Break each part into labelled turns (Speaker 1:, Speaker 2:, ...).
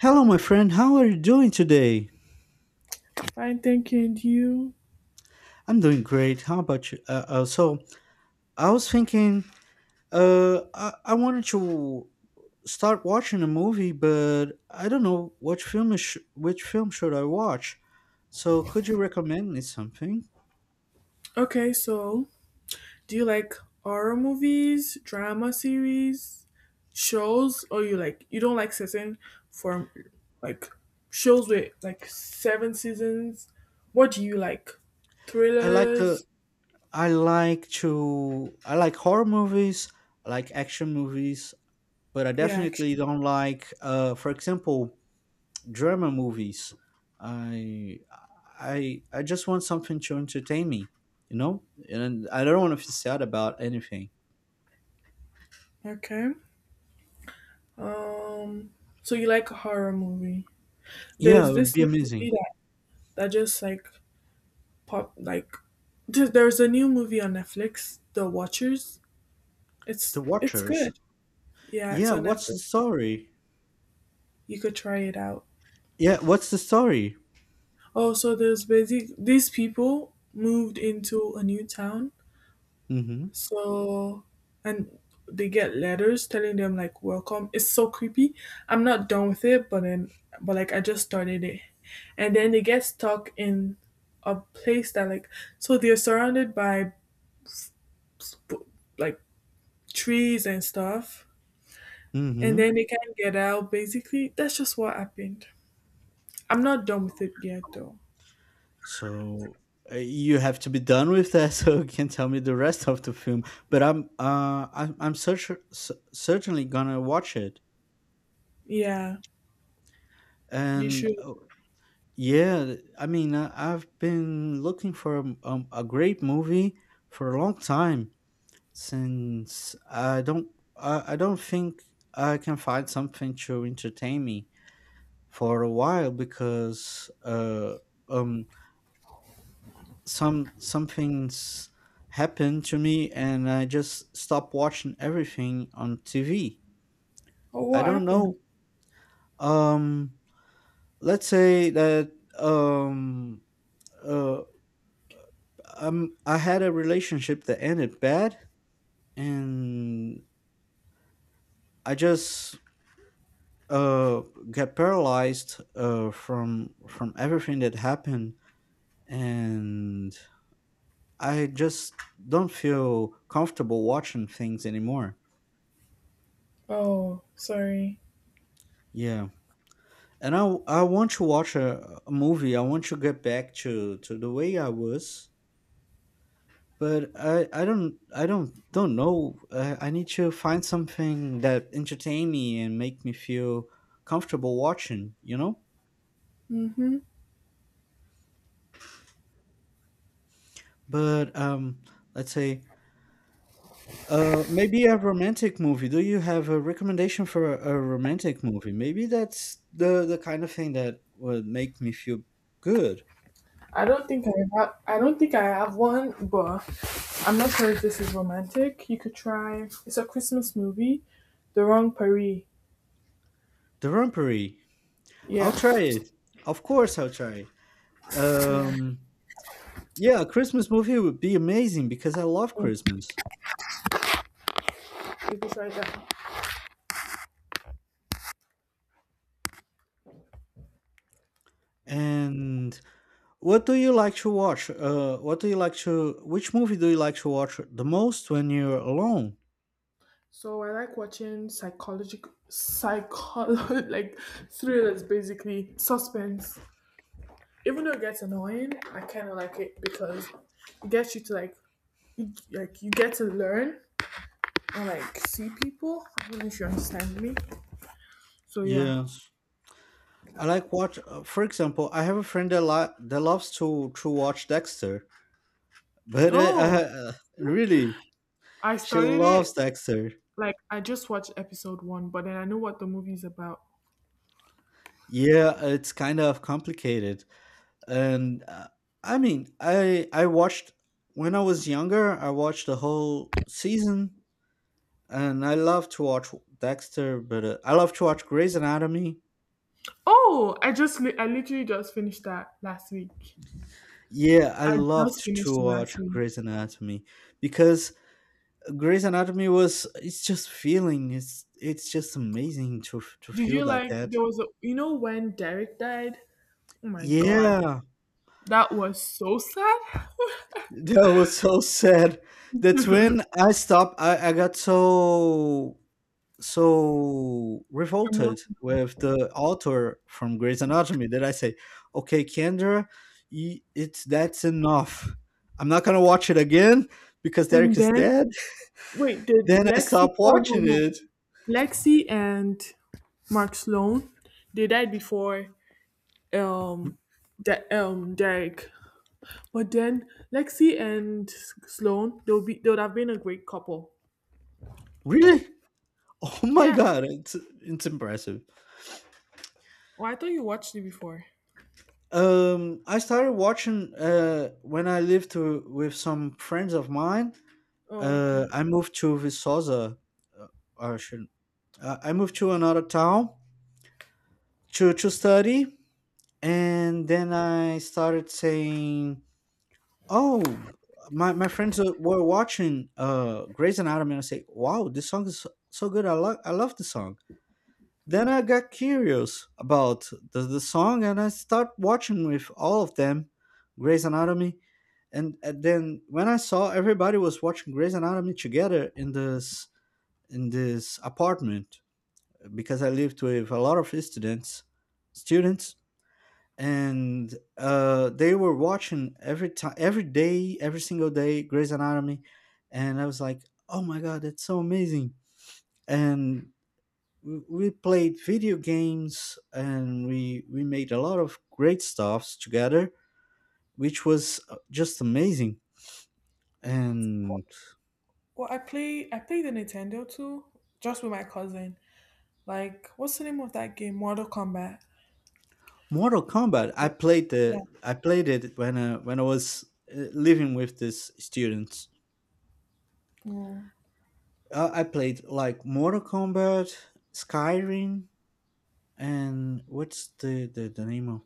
Speaker 1: Hello, my friend. How are you doing today?
Speaker 2: Fine, thank you. And you?
Speaker 1: I'm doing great. How about you? I was thinking, I wanted to start watching a movie, but I don't know which film should I watch. So, could you recommend me something?
Speaker 2: Okay, so do you like horror movies, drama series, shows, or you don't like certain form like shows with like seven seasons? What do you like?
Speaker 1: I like to
Speaker 2: Thrillers?
Speaker 1: I like horror movies. I like action movies, but I
Speaker 2: Yeah, action.
Speaker 1: definitely don't like, for example, drama movies. I I just want something to entertain me, you know? And I don't want to feel sad about anything.
Speaker 2: Okay. Um. So you like a horror movie?
Speaker 1: Yeah,
Speaker 2: There's
Speaker 1: it would
Speaker 2: this
Speaker 1: be
Speaker 2: new
Speaker 1: amazing.
Speaker 2: movie that just like pop like there's a new movie on Netflix, The Watchers.
Speaker 1: The
Speaker 2: It's
Speaker 1: Watchers.
Speaker 2: good. Yeah, it's
Speaker 1: Yeah,
Speaker 2: on
Speaker 1: what's
Speaker 2: Netflix.
Speaker 1: the story?
Speaker 2: You could try it out.
Speaker 1: Yeah, what's the story?
Speaker 2: Oh, so there's basic these people moved into a new town,
Speaker 1: Mm-hmm.
Speaker 2: so and they get letters telling them like welcome. It's so creepy. I'm not done with it, but then but like I just started it, and then they get stuck in a place that like so they're surrounded by sp- like trees and stuff, and
Speaker 1: Mm-hmm.
Speaker 2: then they can't get out. Basically, that's just what happened. I'm not done with it yet, though.
Speaker 1: So you have to be done with that, so you can tell me the rest of the film. But certainly gonna watch it.
Speaker 2: Yeah. You
Speaker 1: And
Speaker 2: should.
Speaker 1: yeah, I mean, I've been looking for a great movie for a long time, since I don't think I can find something to entertain me for a while, because um some things happened to me and I just stopped watching everything on TV.
Speaker 2: Oh,
Speaker 1: I
Speaker 2: what
Speaker 1: don't
Speaker 2: happened?
Speaker 1: know. Um, let's say that um uh I had a relationship that ended bad, and I just uh got paralyzed from everything that happened, and I just don't feel comfortable watching things anymore.
Speaker 2: Oh, sorry.
Speaker 1: Yeah. And I want to watch a movie. I want to get back to the way I was, but I don't know. I need to find something that entertain me and make me feel comfortable watching, you know.
Speaker 2: Mhm.
Speaker 1: But let's say maybe a romantic movie. Do you have a recommendation for a romantic movie? Maybe that's the kind of thing that would make me feel good.
Speaker 2: I don't think I have. I don't think I have one, but I'm not sure if this is romantic. You could try. It's a Christmas movie, The Wrong Paris.
Speaker 1: The Rumpery. I'll
Speaker 2: Yeah,
Speaker 1: try it. Of course, I'll try it.
Speaker 2: yeah.
Speaker 1: Um, yeah, a Christmas movie would be amazing because I love
Speaker 2: Mm,
Speaker 1: Christmas.
Speaker 2: you could try that.
Speaker 1: And what do you like to watch? What do you like to? Which movie do you like to watch the most when you're alone?
Speaker 2: So I like watching psychological, psycho, like thrillers, basically suspense. Even though it gets annoying, I kind of like it because it gets you to like you get to learn or like see people. I don't know if you understand me. So yeah.
Speaker 1: Yes, I like watch. For example, I have a friend that loves to watch Dexter, but
Speaker 2: Oh,
Speaker 1: really,
Speaker 2: I
Speaker 1: she
Speaker 2: started
Speaker 1: loves
Speaker 2: it
Speaker 1: Dexter.
Speaker 2: like I just watched episode one, but then I know what the movie's about.
Speaker 1: Yeah, it's kind of complicated, and I mean, I watched when I was younger. I watched the whole season and I love to watch Dexter, but I love to watch Grey's Anatomy.
Speaker 2: Oh, I literally just finished that last week.
Speaker 1: Yeah, I
Speaker 2: I just
Speaker 1: loved to
Speaker 2: finished it last
Speaker 1: watch
Speaker 2: week.
Speaker 1: Grey's Anatomy because Grey's Anatomy was it's just amazing to
Speaker 2: Did
Speaker 1: feel
Speaker 2: you
Speaker 1: like
Speaker 2: like
Speaker 1: that.
Speaker 2: there was a you know when Derek died? Oh my god,
Speaker 1: Yeah,
Speaker 2: that was so sad.
Speaker 1: that was so sad. That's when I stopped. I got so revolted
Speaker 2: Emotional.
Speaker 1: with the author from Grey's Anatomy that I say, okay, Kendra, it's that's enough. I'm not gonna watch it again because
Speaker 2: And
Speaker 1: Derek is
Speaker 2: then
Speaker 1: dead.
Speaker 2: wait, did
Speaker 1: Then I
Speaker 2: Lexi?
Speaker 1: stopped
Speaker 2: Oh no,
Speaker 1: watching
Speaker 2: no,
Speaker 1: it.
Speaker 2: Lexi and Mark Sloan, they died before um, Derek. But then Lexi and Sloan, they will be they would have been a great couple.
Speaker 1: Really? Oh my
Speaker 2: Yeah.
Speaker 1: god, it's impressive.
Speaker 2: Well, I thought you watched it before.
Speaker 1: I started watching when with some friends of mine.
Speaker 2: Oh, okay.
Speaker 1: I moved to Viçosa, uh, or I shouldn't. I moved to another town to study, and then I started saying, "Oh, my friends were watching Grey's Anatomy," and I say, "Wow, this song is so good. I love the song." Then I got curious about the song, and I start watching with all of them, Grey's Anatomy, and then when I saw everybody was watching Grey's Anatomy together in this apartment, because I lived with a lot of students, students and they were watching every time, every day, every single day, Grey's Anatomy, and I was like, "Oh my god, that's so amazing!" And we played video games, and we made a lot of great stuffs together, which was just amazing. And
Speaker 2: Well, I play the Nintendo too, just with my cousin. Like, what's the name of that game? Mortal Kombat.
Speaker 1: Mortal Kombat,
Speaker 2: Yeah, yeah.
Speaker 1: I played it when I was living with these students.
Speaker 2: Well,
Speaker 1: I played like Mortal Kombat, Skyrim, and what's the name of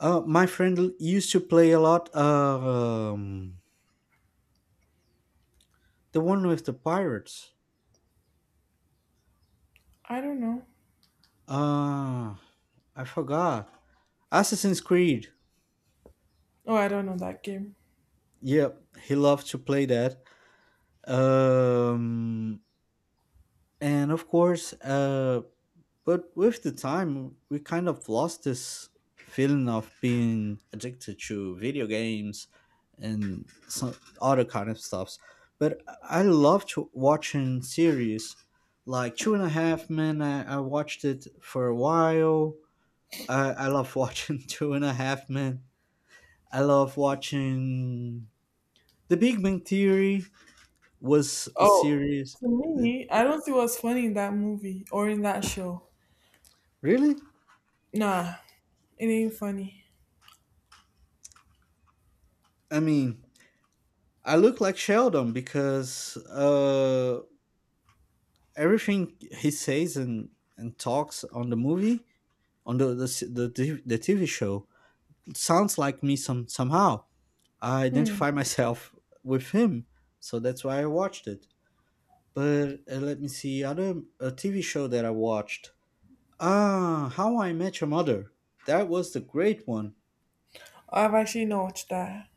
Speaker 1: used to play a lot the one with the pirates.
Speaker 2: I don't know.
Speaker 1: Ah, I forgot. Assassin's Creed,
Speaker 2: Oh, I don't know that game.
Speaker 1: yep, he loved to play that. Um and of course But with the time, we kind of lost this feeling of being addicted to video games and some other kind of stuffs. But I love to watching series like Two and a Half Men. I watched it for a while. I love watching Two and a Half Men. I love watching The Big Bang Theory was a
Speaker 2: Oh,
Speaker 1: series.
Speaker 2: to me, I don't see what's funny in that movie or in that show.
Speaker 1: Really?
Speaker 2: Nah, it ain't funny.
Speaker 1: I mean, I look like Sheldon because everything he says and talks on the movie on the TV show, it sounds like me some somehow. I identify myself with him, so that's why I watched it. But let me see other a TV show that I watched. Ah, How I Met Your Mother. That was the great one.
Speaker 2: I've actually not watched that.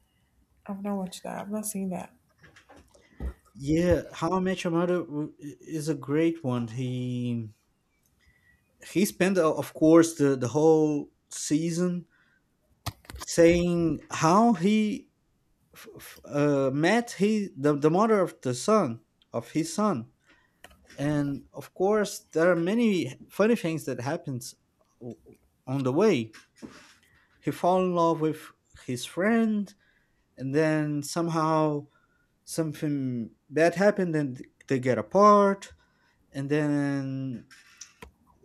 Speaker 2: I've not watched that. I've not seen that
Speaker 1: Yeah, How I Met Your Mother is a great one. He spent, of course, the whole season saying how he f- met he the mother of the son of his son, and of course there are many funny things that happens o- on the way he fall in love with his friend, and then somehow something bad happened and they get apart, and then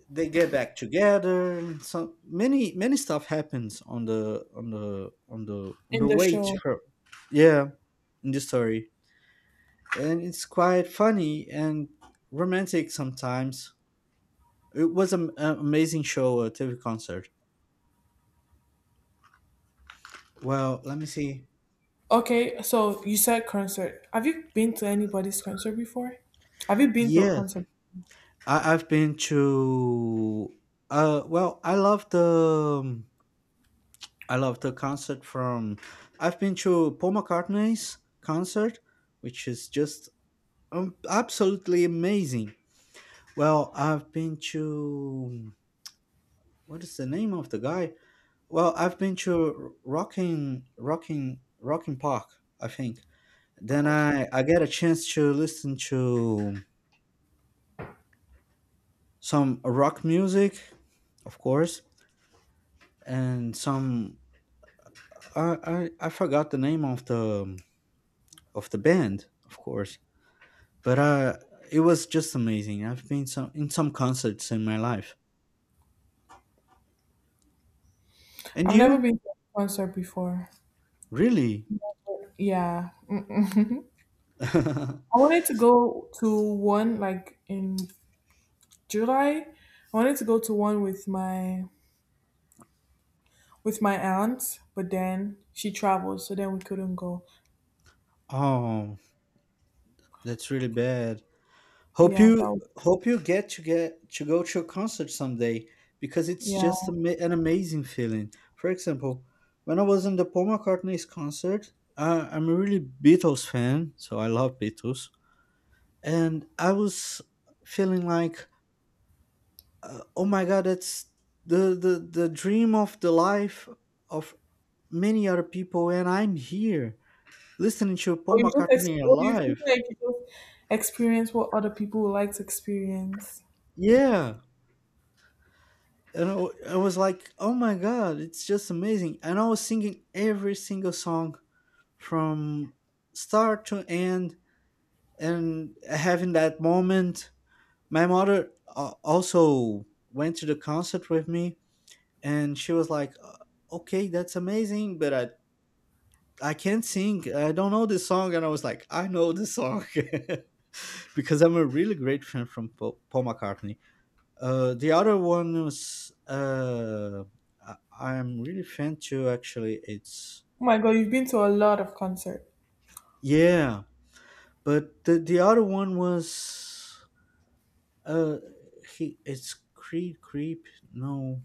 Speaker 1: they get back together, and so many many stuff happens on the
Speaker 2: in the
Speaker 1: way to
Speaker 2: show.
Speaker 1: her. Yeah, in the story, and it's quite funny and romantic sometimes. It was an amazing show, a TV concert. Well, let me see.
Speaker 2: Okay, so you said concert. Have you been to anybody's concert before? Have you been to a
Speaker 1: Yeah,
Speaker 2: concert?
Speaker 1: I've been to. Well, I love the concert from. I've been to Paul McCartney's concert, which is just absolutely amazing. Well, I've been to what is the name of the guy. Well, I've been to Rocking Park, I think. Then I get a chance to listen to some rock music, of course, and some I forgot the name of the band, of course. But it was just amazing. I've been some in some concerts in my life. And
Speaker 2: I've never
Speaker 1: you?
Speaker 2: been to a concert before.
Speaker 1: Really?
Speaker 2: Yeah. Mm-mm. I wanted to go to one like in July. I wanted to go to one with my aunt, but then she traveled, so then we couldn't go.
Speaker 1: Oh, that's really bad.
Speaker 2: Yeah, that was
Speaker 1: Hope you get to go to a concert someday, because it's
Speaker 2: yeah.
Speaker 1: just an amazing feeling. For example, when I was in the Paul McCartney's concert, I'm a really Beatles fan, so I love Beatles, and I was feeling like, oh my god, that's the dream of the life of many other people, and I'm here listening to
Speaker 2: Or
Speaker 1: Paul McCartney
Speaker 2: or you feel
Speaker 1: alive.
Speaker 2: like you just experience what other people would like to experience.
Speaker 1: Yeah, and I was like, "Oh my god, it's just amazing!" And I was singing every single song from start to end, and having that moment. My mother also went to the concert with me, and she was like, okay, that's amazing, but I can't sing. I don't know this song." And I was like, "I know this song." Because I'm a really great fan from Paul McCartney. The other one was I'm really fan too. Actually, it's
Speaker 2: Oh my god, you've been to a lot of concerts.
Speaker 1: yeah, but the other one was uh, he it's Creed Creep. No,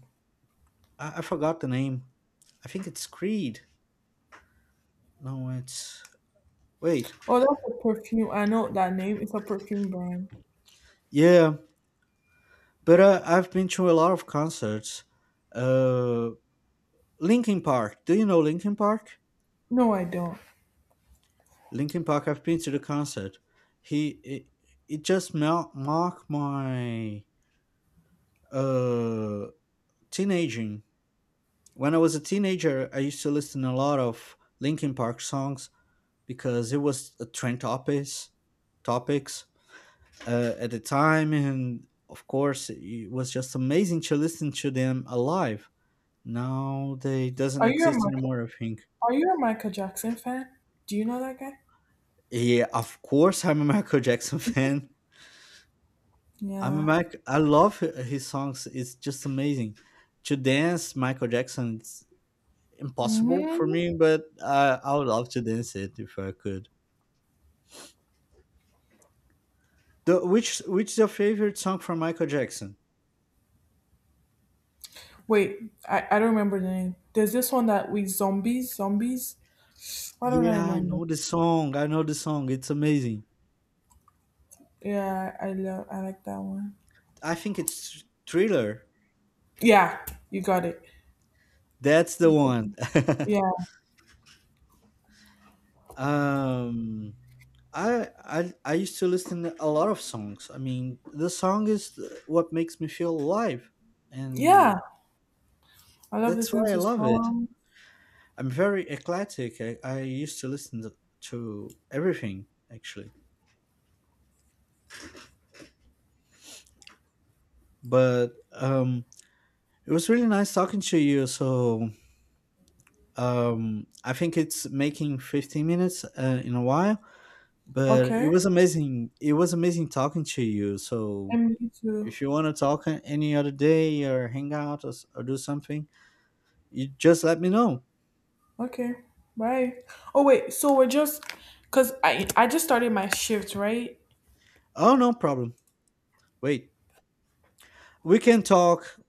Speaker 1: I forgot the name. I think it's Creed. No, it's wait,
Speaker 2: Oh, that's a perfume. I know that name. It's a perfume brand.
Speaker 1: yeah. But I've been to a lot of concerts. Uh, Linkin Park. Do you know Linkin Park?
Speaker 2: No, I don't.
Speaker 1: Linkin Park. I've been to the concert. He it, it just marked my uh teenaging. When I was a teenager, I used to listen a lot of Linkin Park songs, because it was a trend topics at the time, and of course, it was just amazing to listen to them alive. Now they doesn't
Speaker 2: Are you a
Speaker 1: exist
Speaker 2: Michael?
Speaker 1: anymore, I think.
Speaker 2: Are you a Michael Jackson fan? Do you know that guy?
Speaker 1: Yeah, of course, I'm a Michael Jackson fan. I'm a
Speaker 2: Yeah.
Speaker 1: Mac. His songs. It's just amazing. To dance Michael Jackson, it's impossible for
Speaker 2: Hmm.
Speaker 1: me, but I would love to dance it if I could. Which is your favorite song from Michael Jackson?
Speaker 2: Wait, I don't remember the name. There's this one that we zombies zombies. Why don't I
Speaker 1: Yeah, I
Speaker 2: remember?
Speaker 1: know the song. I know the song. It's amazing.
Speaker 2: Yeah, I love I like that one.
Speaker 1: I think it's Thriller.
Speaker 2: Yeah, you got it.
Speaker 1: That's the
Speaker 2: You got it.
Speaker 1: one.
Speaker 2: Yeah,
Speaker 1: um, I used to listen a lot of songs. I mean, the song is what makes me feel alive, and
Speaker 2: yeah. I love
Speaker 1: that's
Speaker 2: listening
Speaker 1: why I
Speaker 2: to
Speaker 1: love it.
Speaker 2: someone.
Speaker 1: I'm very eclectic. I used to listen to everything actually. But it was really nice talking to you. So I think it's making 15 minutes in a while, but it
Speaker 2: Okay.
Speaker 1: was amazing. It was amazing talking to you. So
Speaker 2: And me too.
Speaker 1: if you want to talk any other day or hang out, or or do something, you just let me know.
Speaker 2: Okay. Bye. Oh wait, so we're just because I just started my shift, right?
Speaker 1: Oh, no problem. Wait. We can talk